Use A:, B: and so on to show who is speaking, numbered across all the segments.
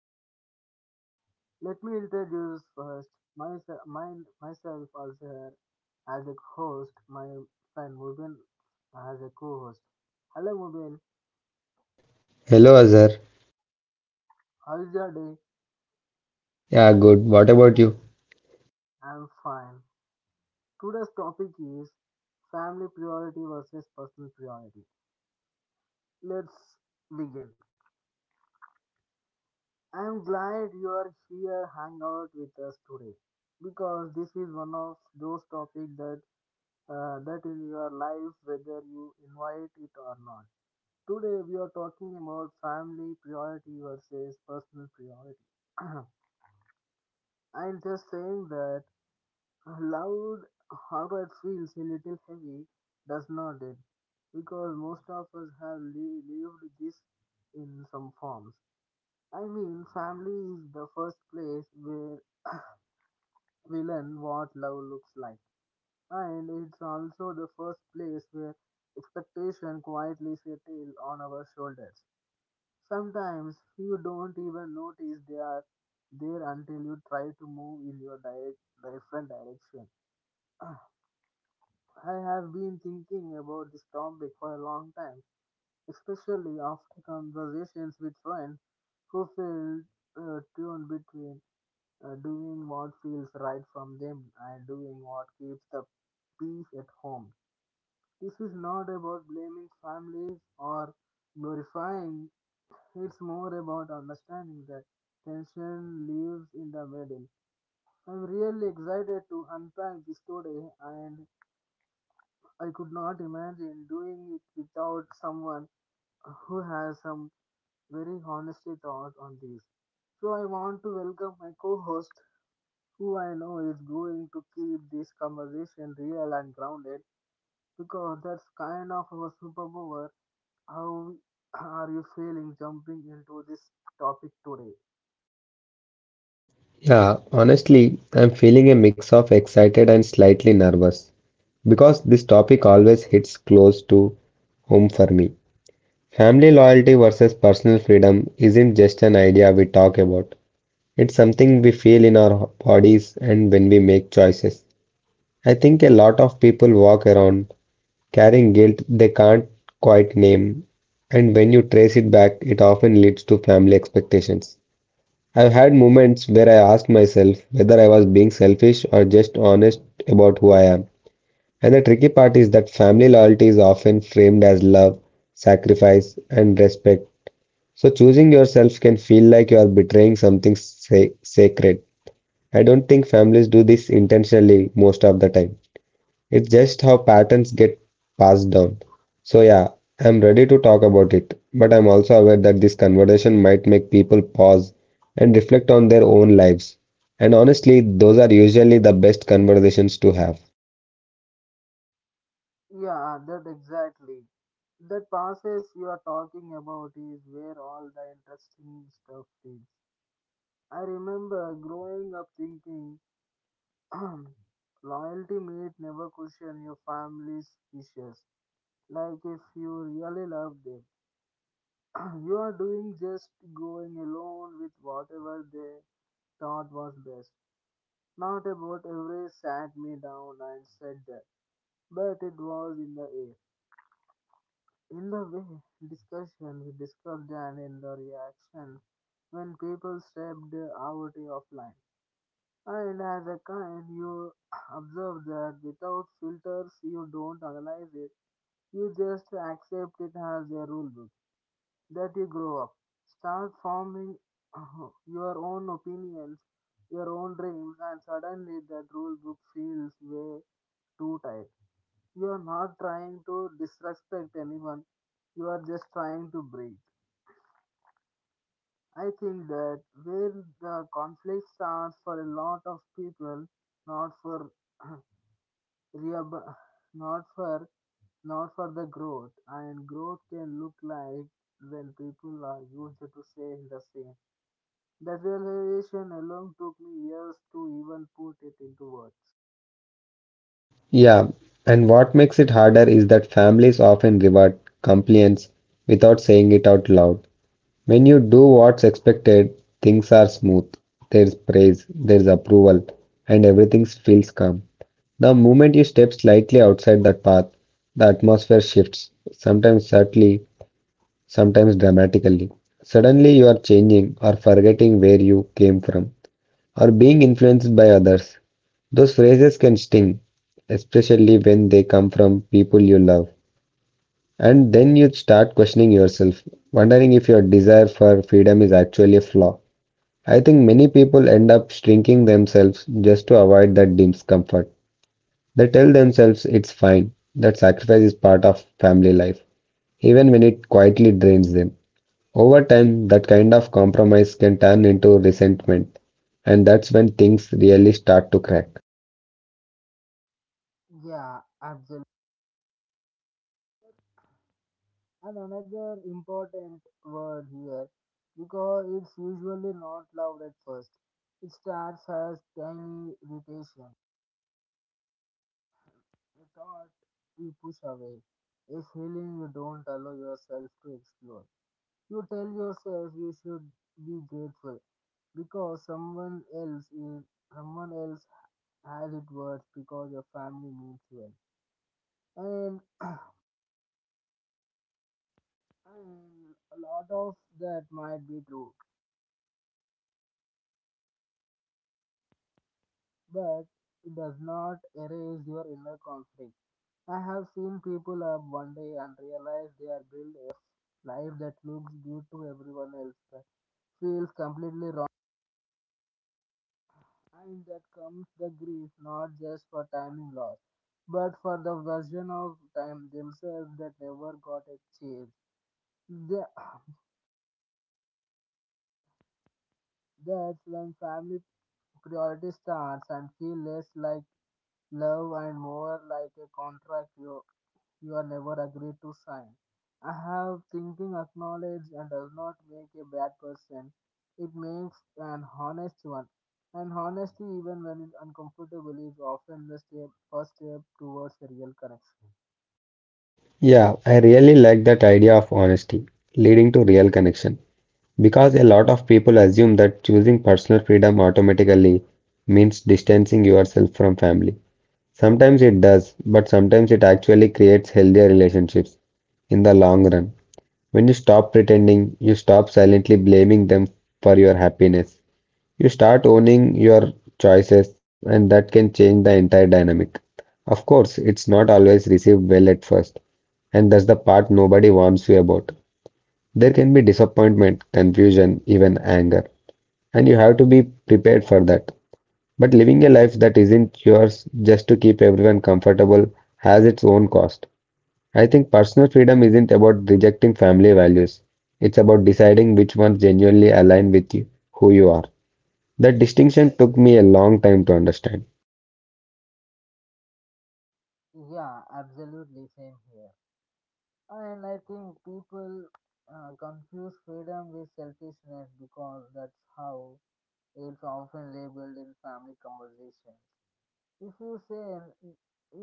A: podcast. Let me introduce first myself, myself also here as a host, my friend Mubin as a co-host. Hello Mubin,
B: Hello Azhar.
A: how is your day?
B: Yeah, good. What about you?
A: I'm fine. Today's topic is family priority versus personal priority. Let's begin. I'm glad you are here hang out with us today because this is one of those topics that that is your life, whether you invite it or not. Today, we are talking about family priority versus personal priority. I'm just saying that loud, how it feels a little heavy, does not it? Because most of us have lived this in some forms. I mean, family is the first place where we learn what love looks like. And it's also the first place where expectation quietly settles on our shoulders. Sometimes you don't even notice they are there until you try to move in your different direction. I have been thinking about this topic for a long time, especially after conversations with friends who feel torn between doing what feels right from them and doing what keeps the peace at home. This is not about blaming families or glorifying, it's more about understanding that tension lives in the middle. I'm really excited to unpack this today, and I could not imagine doing it without someone who has some very honest thought on this. So, I want to welcome my co host, who I know is going to keep this conversation real and grounded because that's kind of our superpower. How are you feeling jumping into this topic today?
B: Yeah, honestly, I'm feeling a mix of excited and slightly nervous because this topic always hits close to home for me. Family loyalty versus personal freedom isn't just an idea we talk about. It's something we feel in our bodies and when we make choices. I think a lot of people walk around carrying guilt they can't quite name, and when you trace it back, it often leads to family expectations. I've had moments where I asked myself whether I was being selfish or just honest about who I am. And the tricky part is that family loyalty is often framed as love, sacrifice, and respect. So choosing yourself can feel like you are betraying something sacred. I don't think families do this intentionally most of the time. It's just how patterns get passed down. So, yeah, I'm ready to talk about it, but I'm also aware that this conversation might make people pause and reflect on their own lives. And honestly, those are usually the best conversations to have.
A: Yeah, that exactly. That passes you are talking about is where all the interesting stuff is. I remember growing up thinking loyalty meant never question your family's wishes. Like if you really love them, you are doing just going alone with whatever they thought was best. Not about every sat me down and said that, but it was in the air. In the way we discussed and in the reaction when people stepped out of line. And as a kind, you observe that without filters, you don't analyze it. You just accept it as a rule book. That you grow up, start forming your own opinions, your own dreams, and suddenly that rule book feels way too tight. You are not trying to disrespect anyone. You are just trying to breathe. I think that where the conflict starts for a lot of people, not for rehabil- not for not for the growth, and growth can look like when people are used to saying the same. That realization alone took me years to even put it into words.
B: Yeah, and what makes it harder is that families often reward compliance without saying it out loud. When you do what's expected, things are smooth. There's praise, there's approval, and everything feels calm. The moment you step slightly outside that path, the atmosphere shifts, sometimes subtly, sometimes dramatically. Suddenly, you are changing or forgetting where you came from or being influenced by others. Those phrases can sting, especially when they come from people you love. And then you start questioning yourself, wondering if your desire for freedom is actually a flaw. I think many people end up shrinking themselves just to avoid that discomfort. They tell themselves it's fine, that sacrifice is part of family life, even when it quietly drains them. Over time, that kind of compromise can turn into resentment, and that's when things really start to crack.
A: Yeah, absolutely. And another important word here because it's usually not loud at first. It starts as tiny irritation, a thought you push away, a feeling you don't allow yourself to explore. You tell yourself you should be grateful because someone else has it worse because your family means well. And, and a lot of that might be true but it does not erase your inner conflict. I have seen people up one day and realize they are built a life that looks good to everyone else but feels completely wrong. And that comes the grief not just for timing loss, but for the version of time themselves that never got a chance. The- That's when family priority starts and feel less like love and more like a contract you are never agreed to sign. I have thinking acknowledge and does not make a bad person. It makes an honest one. And honesty, even when it's uncomfortable, is often the first step towards a real connection.
B: Yeah, I really like that idea of honesty leading to real connection because a lot of people assume that choosing personal freedom automatically means distancing yourself from family. Sometimes it does, but sometimes it actually creates healthier relationships in the long run. When you stop pretending, you stop silently blaming them for your happiness. You start owning your choices, and that can change the entire dynamic. Of course, it's not always received well at first, and that's the part nobody warns you about. There can be disappointment, confusion, even anger, and you have to be prepared for that. But living a life that isn't yours just to keep everyone comfortable has its own cost. I think personal freedom isn't about rejecting family values. It's about deciding which ones genuinely align with you, who you are. That distinction took me a long time to understand.
A: Yeah, absolutely, same here. And I think people confuse freedom with selfishness because that's how it's often labeled in family conversations. If you say,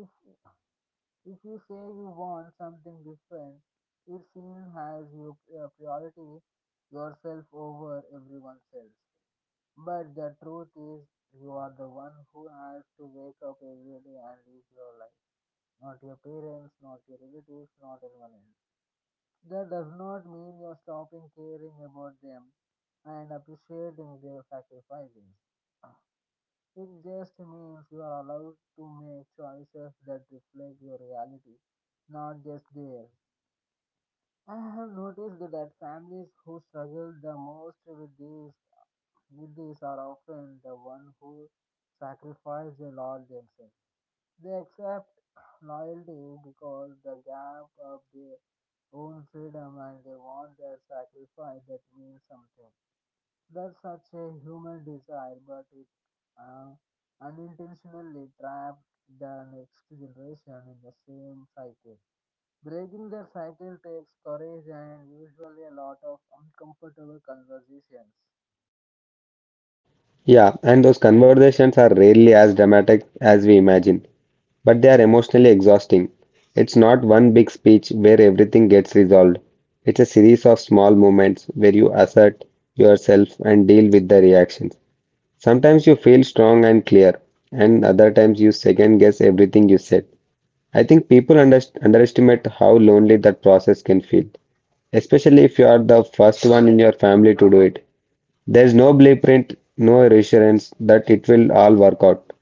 A: if If you say you want something different, it seems as you priority yourself over everyone else. But the truth is, you are the one who has to wake up every day and live your life. Not your parents, not your relatives, not anyone else. That does not mean you're stopping caring about them and appreciating their sacrifices. It just means you are allowed to make choices that reflect your reality, not just theirs. I have noticed that families who struggle the most with these are often the one who sacrifice a lot themselves. They accept loyalty because the gap of their own freedom and they want that sacrifice that means something. That's such a human desire, but it uh, unintentionally traps the next generation in the same cycle. Breaking that cycle takes courage and usually a lot of uncomfortable conversations.
B: Yeah, and those conversations are rarely as dramatic as we imagine, but they are emotionally exhausting. It's not one big speech where everything gets resolved. It's a series of small moments where you assert yourself and deal with the reactions. Sometimes you feel strong and clear, and other times you second guess everything you said. I think people underst underestimate how lonely that process can feel, especially if you are the first one in your family to do it. There's no blueprint, no reassurance that it will all work out.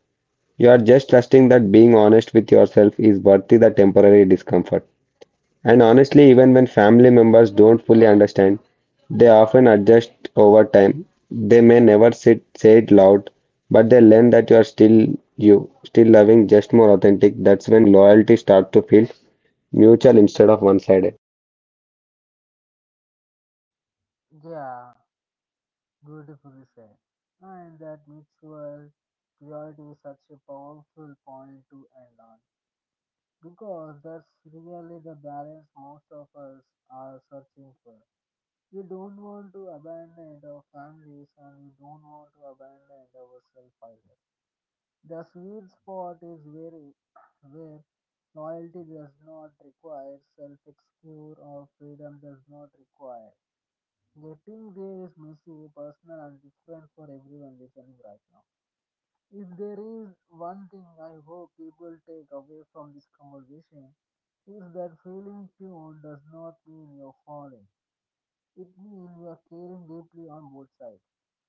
B: You are just trusting that being honest with yourself is worthy the temporary discomfort. And honestly, even when family members don't fully understand, they often adjust over time. They may never sit, say it loud, but they learn that you are still you, still loving, just more authentic. That's when loyalty starts to feel mutual instead of one-sided.
A: Yeah, beautifully said. And that mutual purity is such a powerful point to end on. Because that's really the balance most of us are searching for. We don't want to abandon our families and we don't want to abandon ourselves either. The sweet spot is very where loyalty does not require self excuse or freedom does not require. Getting there is messy, personal and different for everyone listening right now. If there is one thing I hope people take away from this conversation is that feeling tuned does not mean you're falling. It means you are caring deeply on both sides.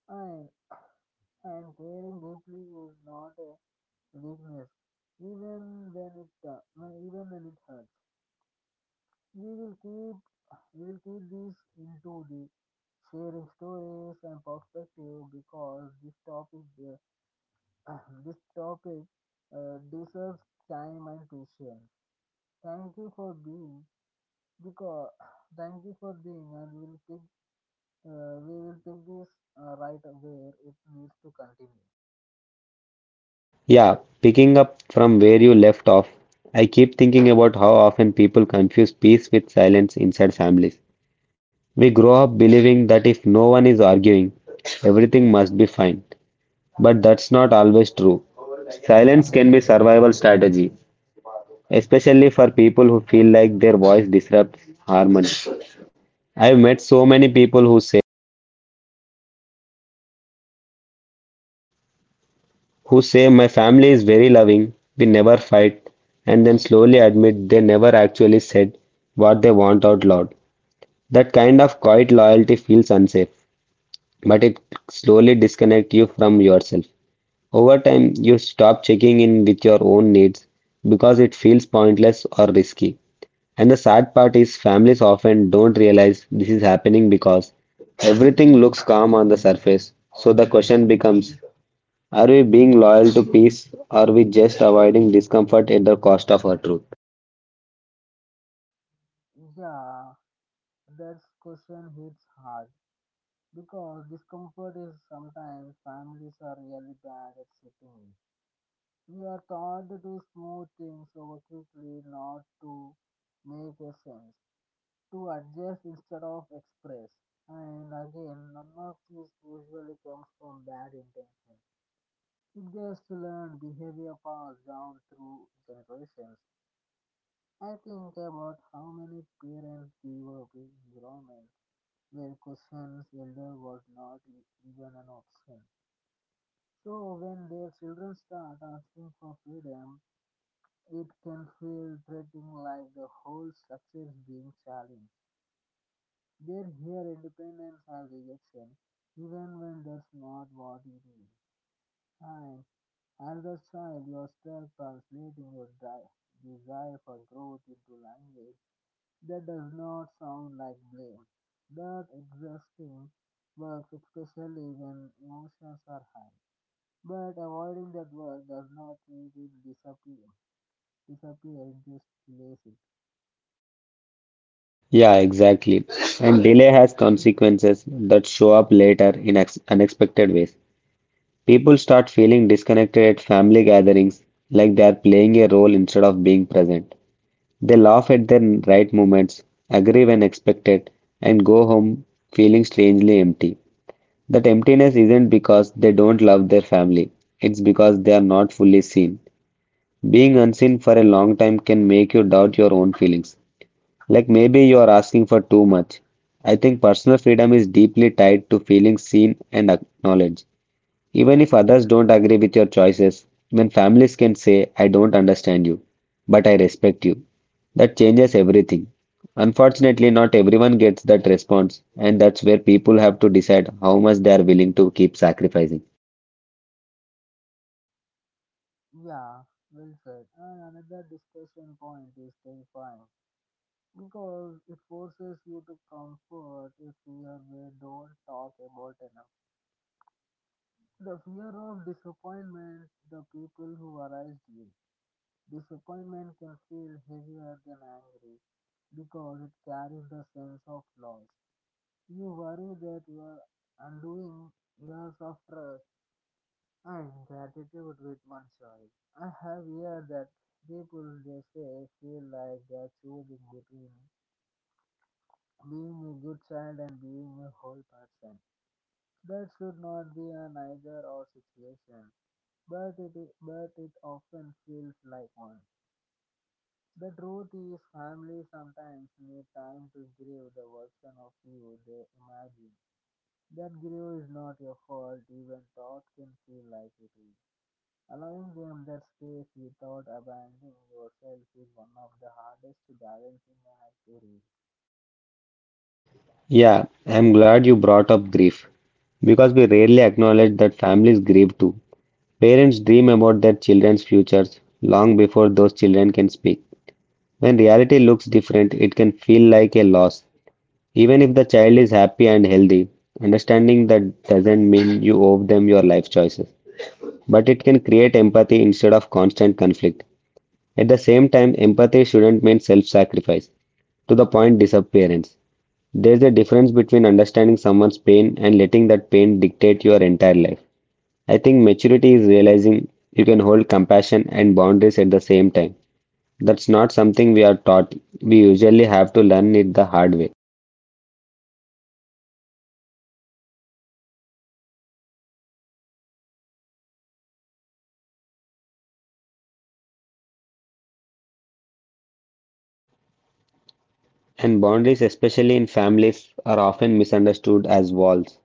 A: I and caring deeply is not a weakness, even when it even when it hurts. We will keep we will keep this into the sharing stories and perspective because this topic uh, this topic deserves time and patience. Thank you for being because Thank you for being and we will pick we will pick this right where it needs to continue.
B: Yeah, picking up from where you left off, I keep thinking about how often people confuse peace with silence inside families. We grow up believing that if no one is arguing, everything must be fine. But that's not always true. Silence can be a survival strategy, especially for people who feel like their voice disrupts harmony. I've met so many people who say my family is very loving, we never fight, and then slowly admit they never actually said what they want out loud. That kind of quiet loyalty feels unsafe, but it slowly disconnects you from yourself. Over time, you stop checking in with your own needs because it feels pointless or risky. And the sad part is, families often don't realize this is happening because everything looks calm on the surface. So the question becomes, are we being loyal to peace or are we just avoiding discomfort at the cost of our truth?
A: Yeah. That question hits hard because discomfort is sometimes families are really bad at sitting with. We are taught to smooth things over quickly, not to make a sense, to adjust instead of express. And again, none of this usually comes from bad intention. It just learned behavior passed down through generations. I think about how many parents give up environments where questions elder was not even an option. So when their children start asking for freedom, it can feel threatening like the whole structure is being challenged. They hear independence as rejection, even when that's not what it is. And as a child, you're stuck translating your desire for growth into language that does not sound like blame. That exhausting work, especially when emotions are high. But avoiding that work does not make it disappear. Disappear, it just delays it.
B: Yeah, exactly. And delay has consequences that show up later in unexpected ways. People start feeling disconnected at family gatherings, like they are playing a role instead of being present. They laugh at the right moments, agree when expected, and go home feeling strangely empty. That emptiness isn't because they don't love their family, it's because they are not fully seen. Being unseen for a long time can make you doubt your own feelings, like maybe you are asking for too much. I think personal freedom is deeply tied to feeling seen and acknowledged. Even if others don't agree with your choices, when families can say, I don't understand you, but I respect you, that changes everything. Unfortunately, not everyone gets that response, and that's where people have to decide how much they are willing to keep sacrificing.
A: Yeah, well said. And another discussion point is terrifying because it forces you to comfort a fear we don't talk about enough. The fear of disappointment, the people who arise you. Disappointment can feel heavier than angry because it carries the sense of loss. You worry that you are undoing years of trust and gratitude with oneself. I have heard that people they say feel like they are choosing between being a good child and being a whole person. That should not be an either or situation, but it, but it often feels like one. The truth is, families sometimes need time to grieve the version of you they imagine. That grief is not your fault, even thought can feel like it is. Allowing them that space without abandoning yourself is one of the hardest balancing acts to reach.
B: Yeah, I'm glad you brought up grief because we rarely acknowledge that families grieve too. Parents dream about their children's futures long before those children can speak. When reality looks different, it can feel like a loss, even if the child is happy and healthy, understanding that doesn't mean you owe them your life choices. But it can create empathy instead of constant conflict. At the same time, empathy shouldn't mean self sacrifice. To the point, disappearance. There's a difference between understanding someone's pain and letting that pain dictate your entire life. I think maturity is realizing you can hold compassion and boundaries at the same time. That's not something we are taught. We usually have to learn it the hard way. And boundaries, especially in families, are often misunderstood as walls.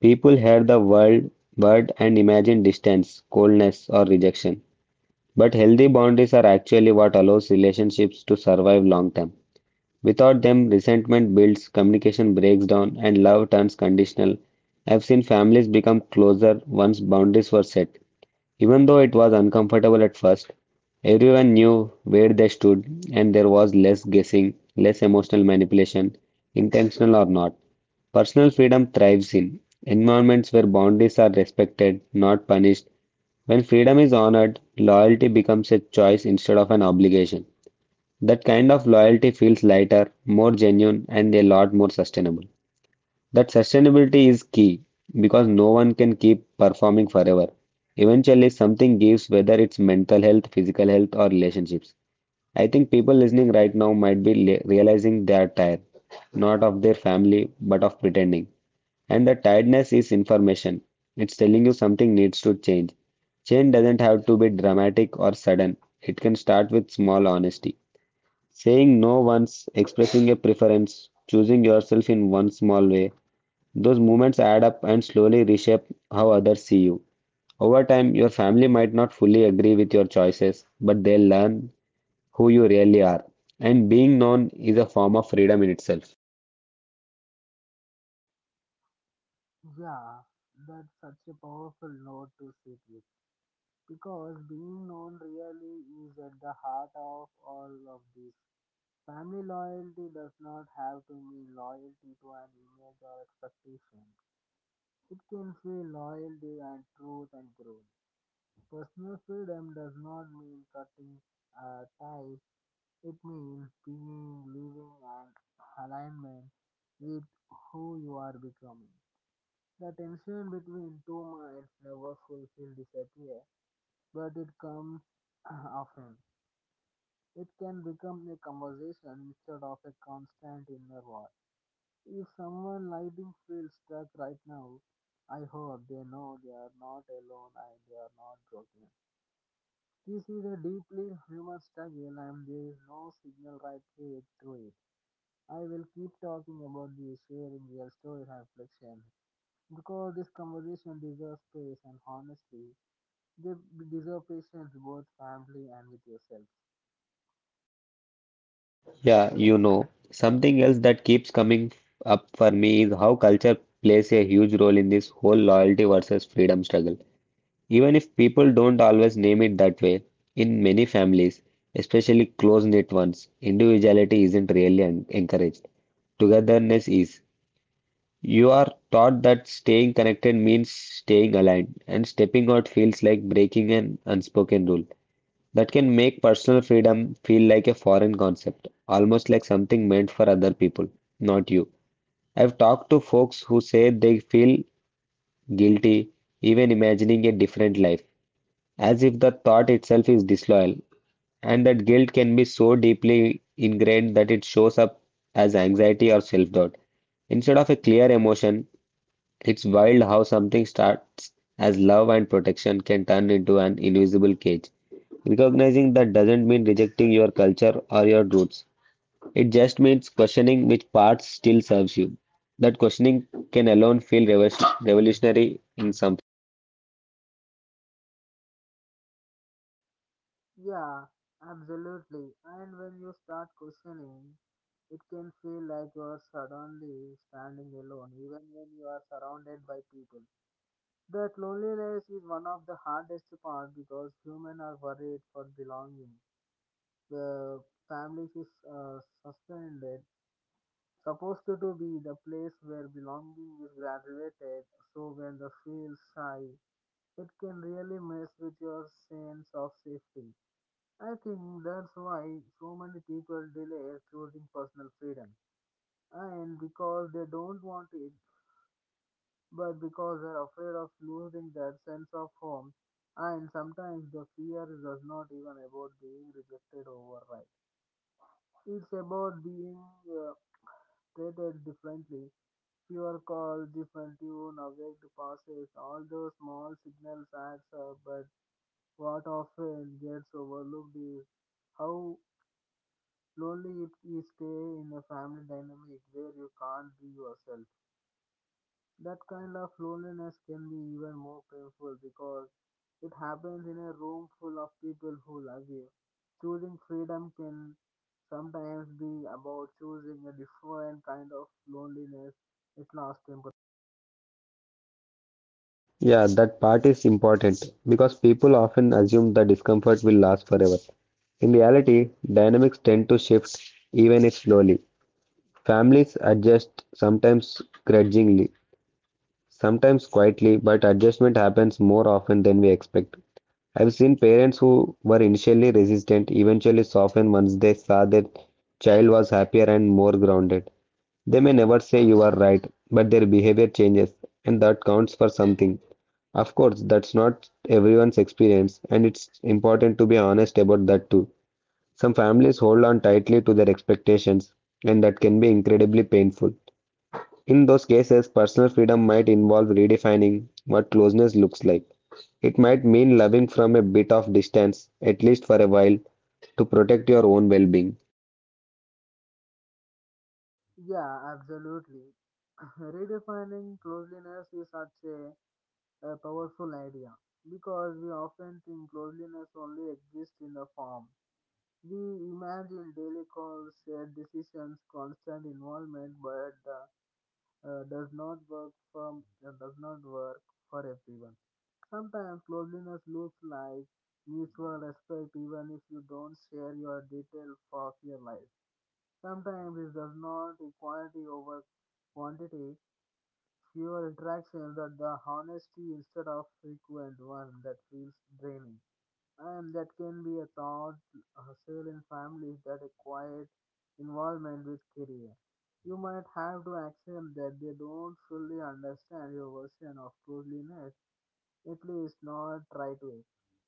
B: People hear the word and imagine distance, coldness, or rejection. But healthy boundaries are actually what allows relationships to survive long term. Without them, resentment builds, communication breaks down, and love turns conditional. I've seen families become closer once boundaries were set, even though it was uncomfortable at first, everyone knew where they stood, and there was less guessing, less emotional manipulation, intentional or not. Personal freedom thrives in environments where boundaries are respected, not punished. When freedom is honored, loyalty becomes a choice instead of an obligation. That kind of loyalty feels lighter, more genuine, and a lot more sustainable. That sustainability is key because no one can keep performing forever. Eventually, something gives, whether it's mental health, physical health, or relationships. I think people listening right now might be realizing they are tired, not of their family, but of pretending. And the tiredness is information. It's telling you something needs to change. Change doesn't have to be dramatic or sudden. It can start with small honesty. Saying no once, expressing a preference, choosing yourself in one small way, those moments add up and slowly reshape how others see you. Over time, your family might not fully agree with your choices, but they'll learn who you really are. And being known is a form of freedom in itself.
A: Yeah, that's such a powerful note to sit with. Because being known really is at the heart of all of this. Family loyalty does not have to mean loyalty to an image or expectation. It can feel loyalty and truth and growth. Personal freedom does not mean cutting ties. It means being, living, and alignment with who you are becoming. The tension between two minds never fulfill disappear, but it comes often. It can become a conversation instead of a constant inner war. If someone lighting feels stuck right now, I hope they know they are not alone and they are not broken. This is a deeply human struggle and there is no signal right way through it. I will keep talking about this, sharing real stories and reflection because this conversation deserves space and honestly, they deserve patience both family and with yourself.
B: Yeah, you know, something else that keeps coming up for me is how culture plays a huge role in this whole loyalty versus freedom struggle. Even if people don't always name it that way, in many families, especially close-knit ones, individuality isn't really encouraged. Togetherness is. You are taught that staying connected means staying aligned, and stepping out feels like breaking an unspoken rule. That can make personal freedom feel like a foreign concept, almost like something meant for other people, not you. I've talked to folks who say they feel guilty even imagining a different life as if the thought itself is disloyal, and that guilt can be so deeply ingrained that it shows up as anxiety or self-doubt. Instead of a clear emotion, it's wild how something starts as love and protection can turn into an invisible cage. Recognizing that doesn't mean rejecting your culture or your roots. It just means questioning which parts still serves you. That questioning can alone feel revolutionary in some.
A: Yeah, absolutely. And when you start questioning, it can feel like you are suddenly standing alone, even when you are surrounded by people. That loneliness is one of the hardest part because humans are worried for belonging. The family is suspended, supposed to be the place where belonging is graduated. So when the feels shy, it can really mess with your sense of safety. I think that's why so many people delay choosing personal freedom. And because they don't want it, but because they're afraid of losing that sense of home. And sometimes the fear is not even about being rejected or right. It's about being uh, treated differently. Fewer calls, different tune, awake passes, all those small signals adds up. But what often gets overlooked is how slowly, you stay in a family dynamic where you can't be yourself. That kind of loneliness can be even more painful because it happens in a room full of people who love you. Choosing freedom can sometimes be about choosing a different kind of loneliness. It's lost temporary.
B: Yeah, that part is important because people often assume the discomfort will last forever. In reality, dynamics tend to shift even if slowly. Families adjust sometimes grudgingly, sometimes quietly, but adjustment happens more often than we expect. I've seen parents who were initially resistant eventually soften once they saw their child was happier and more grounded. They may never say you are right, but their behavior changes, and that counts for something. Of course, that's not everyone's experience, and it's important to be honest about that too. Some families hold on tightly to their expectations, and that can be incredibly painful. In those cases, personal freedom might involve redefining what closeness looks like. It might mean loving from a bit of distance, at least for a while, to protect your own well being.
A: Yeah, absolutely. Redefining closeliness is such a powerful idea because we often think closeliness only exists in the form. We imagine daily calls, shared decisions, constant involvement, but does not work from does not work for everyone. Sometimes closeness looks like mutual respect, even if you don't share your details of your life. Sometimes it does not equality over quantity. Fewer interactions, but the honesty instead of frequent one that feels draining, and that can be a thought hustle in families that require involvement with career. You might have to accept that they don't fully understand your version of closeliness, at least not right away.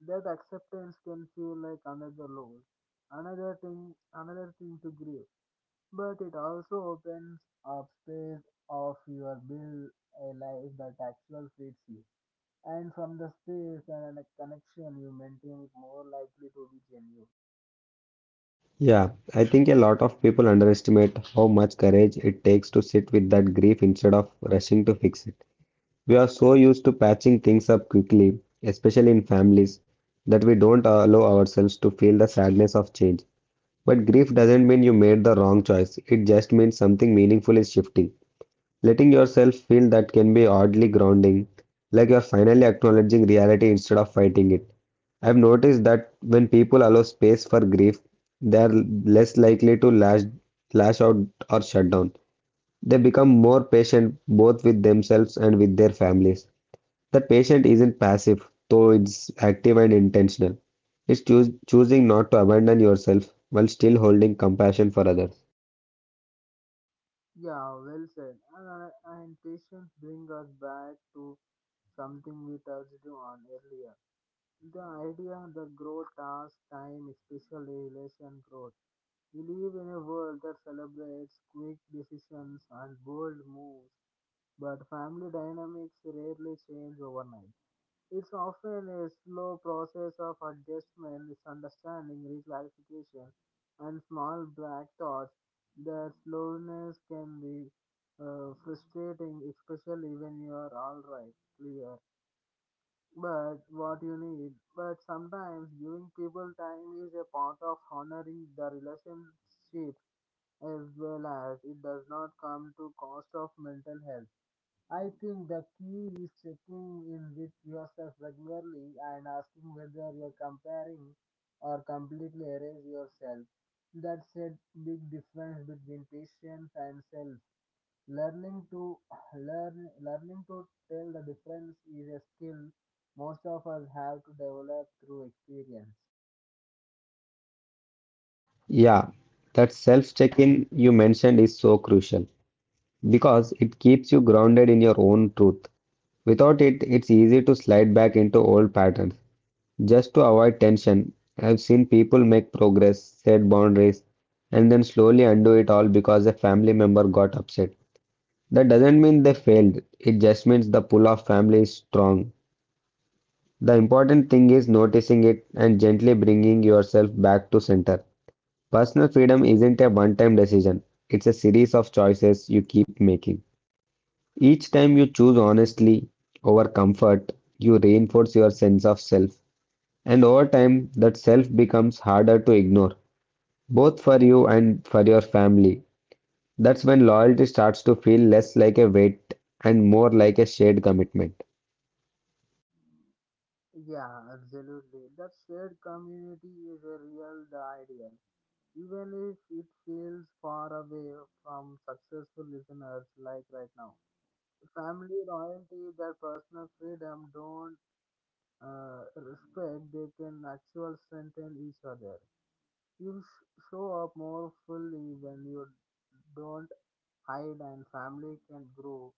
A: That acceptance can feel like another load, another thing to grieve. But it also opens up space of your build a life that actually fits you, and from the space and a connection you maintain is more likely to be genuine.
B: Yeah, I think a lot of people underestimate how much courage it takes to sit with that grief instead of rushing to fix it. We are so used to patching things up quickly, especially in families, that we don't allow ourselves to feel the sadness of change. But grief doesn't mean you made the wrong choice, it just means something meaningful is shifting. Letting yourself feel that can be oddly grounding, like you're finally acknowledging reality instead of fighting it. I've noticed that when people allow space for grief, they're less likely to lash out or shut down. They become more patient both with themselves and with their families. That patient isn't passive, though it's active and intentional. It's choosing not to abandon yourself while still holding compassion for others.
A: Yeah, well said. And patience bring us back to something we touched on earlier. The idea that growth takes time, especially relation growth. We live in a world that celebrates quick decisions and bold moves, but family dynamics rarely change overnight. It's often a slow process of adjustment, misunderstanding, reclarification, and small black thoughts. That slowness can be frustrating, especially when you are alright, clear, but what you need. But sometimes giving people time is a part of honoring the relationship as well as it does not come to cost of mental health. I think the key is checking in with yourself regularly and asking whether you're comparing or completely erase yourself. That's a big difference between patience and self. Learning to learning to tell the difference is a skill most of us have to develop through experience.
B: Yeah, that self check in you mentioned is so crucial, because it keeps you grounded in your own truth. Without it, it's easy to slide back into old patterns. Just to avoid tension, I've seen people make progress, set boundaries, and then slowly undo it all because a family member got upset. That doesn't mean they failed, it just means the pull of family is strong. The important thing is noticing it and gently bringing yourself back to center. Personal freedom isn't a one time decision, it's a series of choices you keep making. Each time you choose honestly over comfort, you reinforce your sense of self. And over time, that self becomes harder to ignore, both for you and for your family. That's when loyalty starts to feel less like a weight and more like a shared commitment.
A: Yeah, absolutely. That shared community is a real the ideal, even if it feels far away from successful listeners like right now. Family loyalty, their personal freedom don't respect, they can actually strengthen each other. Show up more fully when you don't hide, and family can grow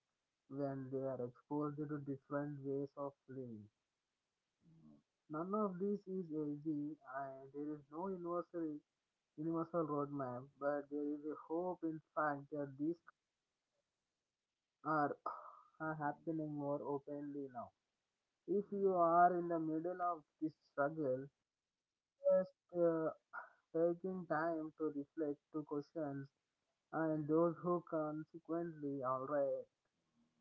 A: when they are exposed to different ways of living. None of this is easy, and there is no universal roadmap, but there is a hope in fact that these are, are happening more openly now. If you are in the middle of this struggle, just taking time to reflect, to questions, and those who consequently alright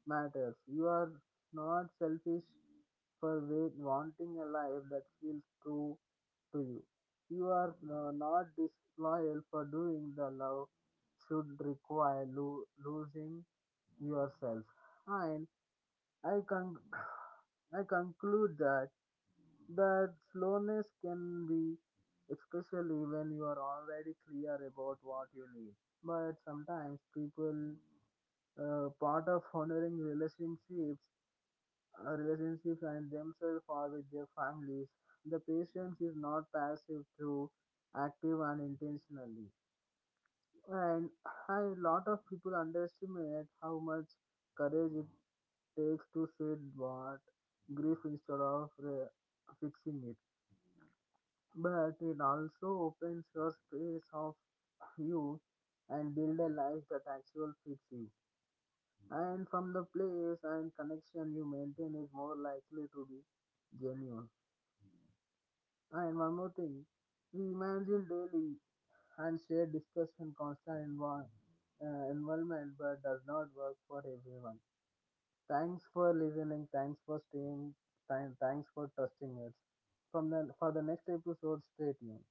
A: matters. You are not selfish for wanting a life that feels true to you. You are not disloyal for doing the love should require losing yourself. And I con- I conclude that that slowness can be especially when you are already clear about what you need. But sometimes people part of honoring relationships and themselves or with their families. The patience is not passive through active and intentionally. And a lot of people underestimate how much courage it takes to sit what grief instead of fixing it. But it also opens your space of you and build a life that actually fits you. And from the place and connection you maintain is more likely to be genuine. And one more thing, we imagine daily and share discuss constant envi- environment, but does not work for everyone. Thanks for listening. Thanks for staying. Time. Thanks for trusting us. From the for the next episode, stay tuned.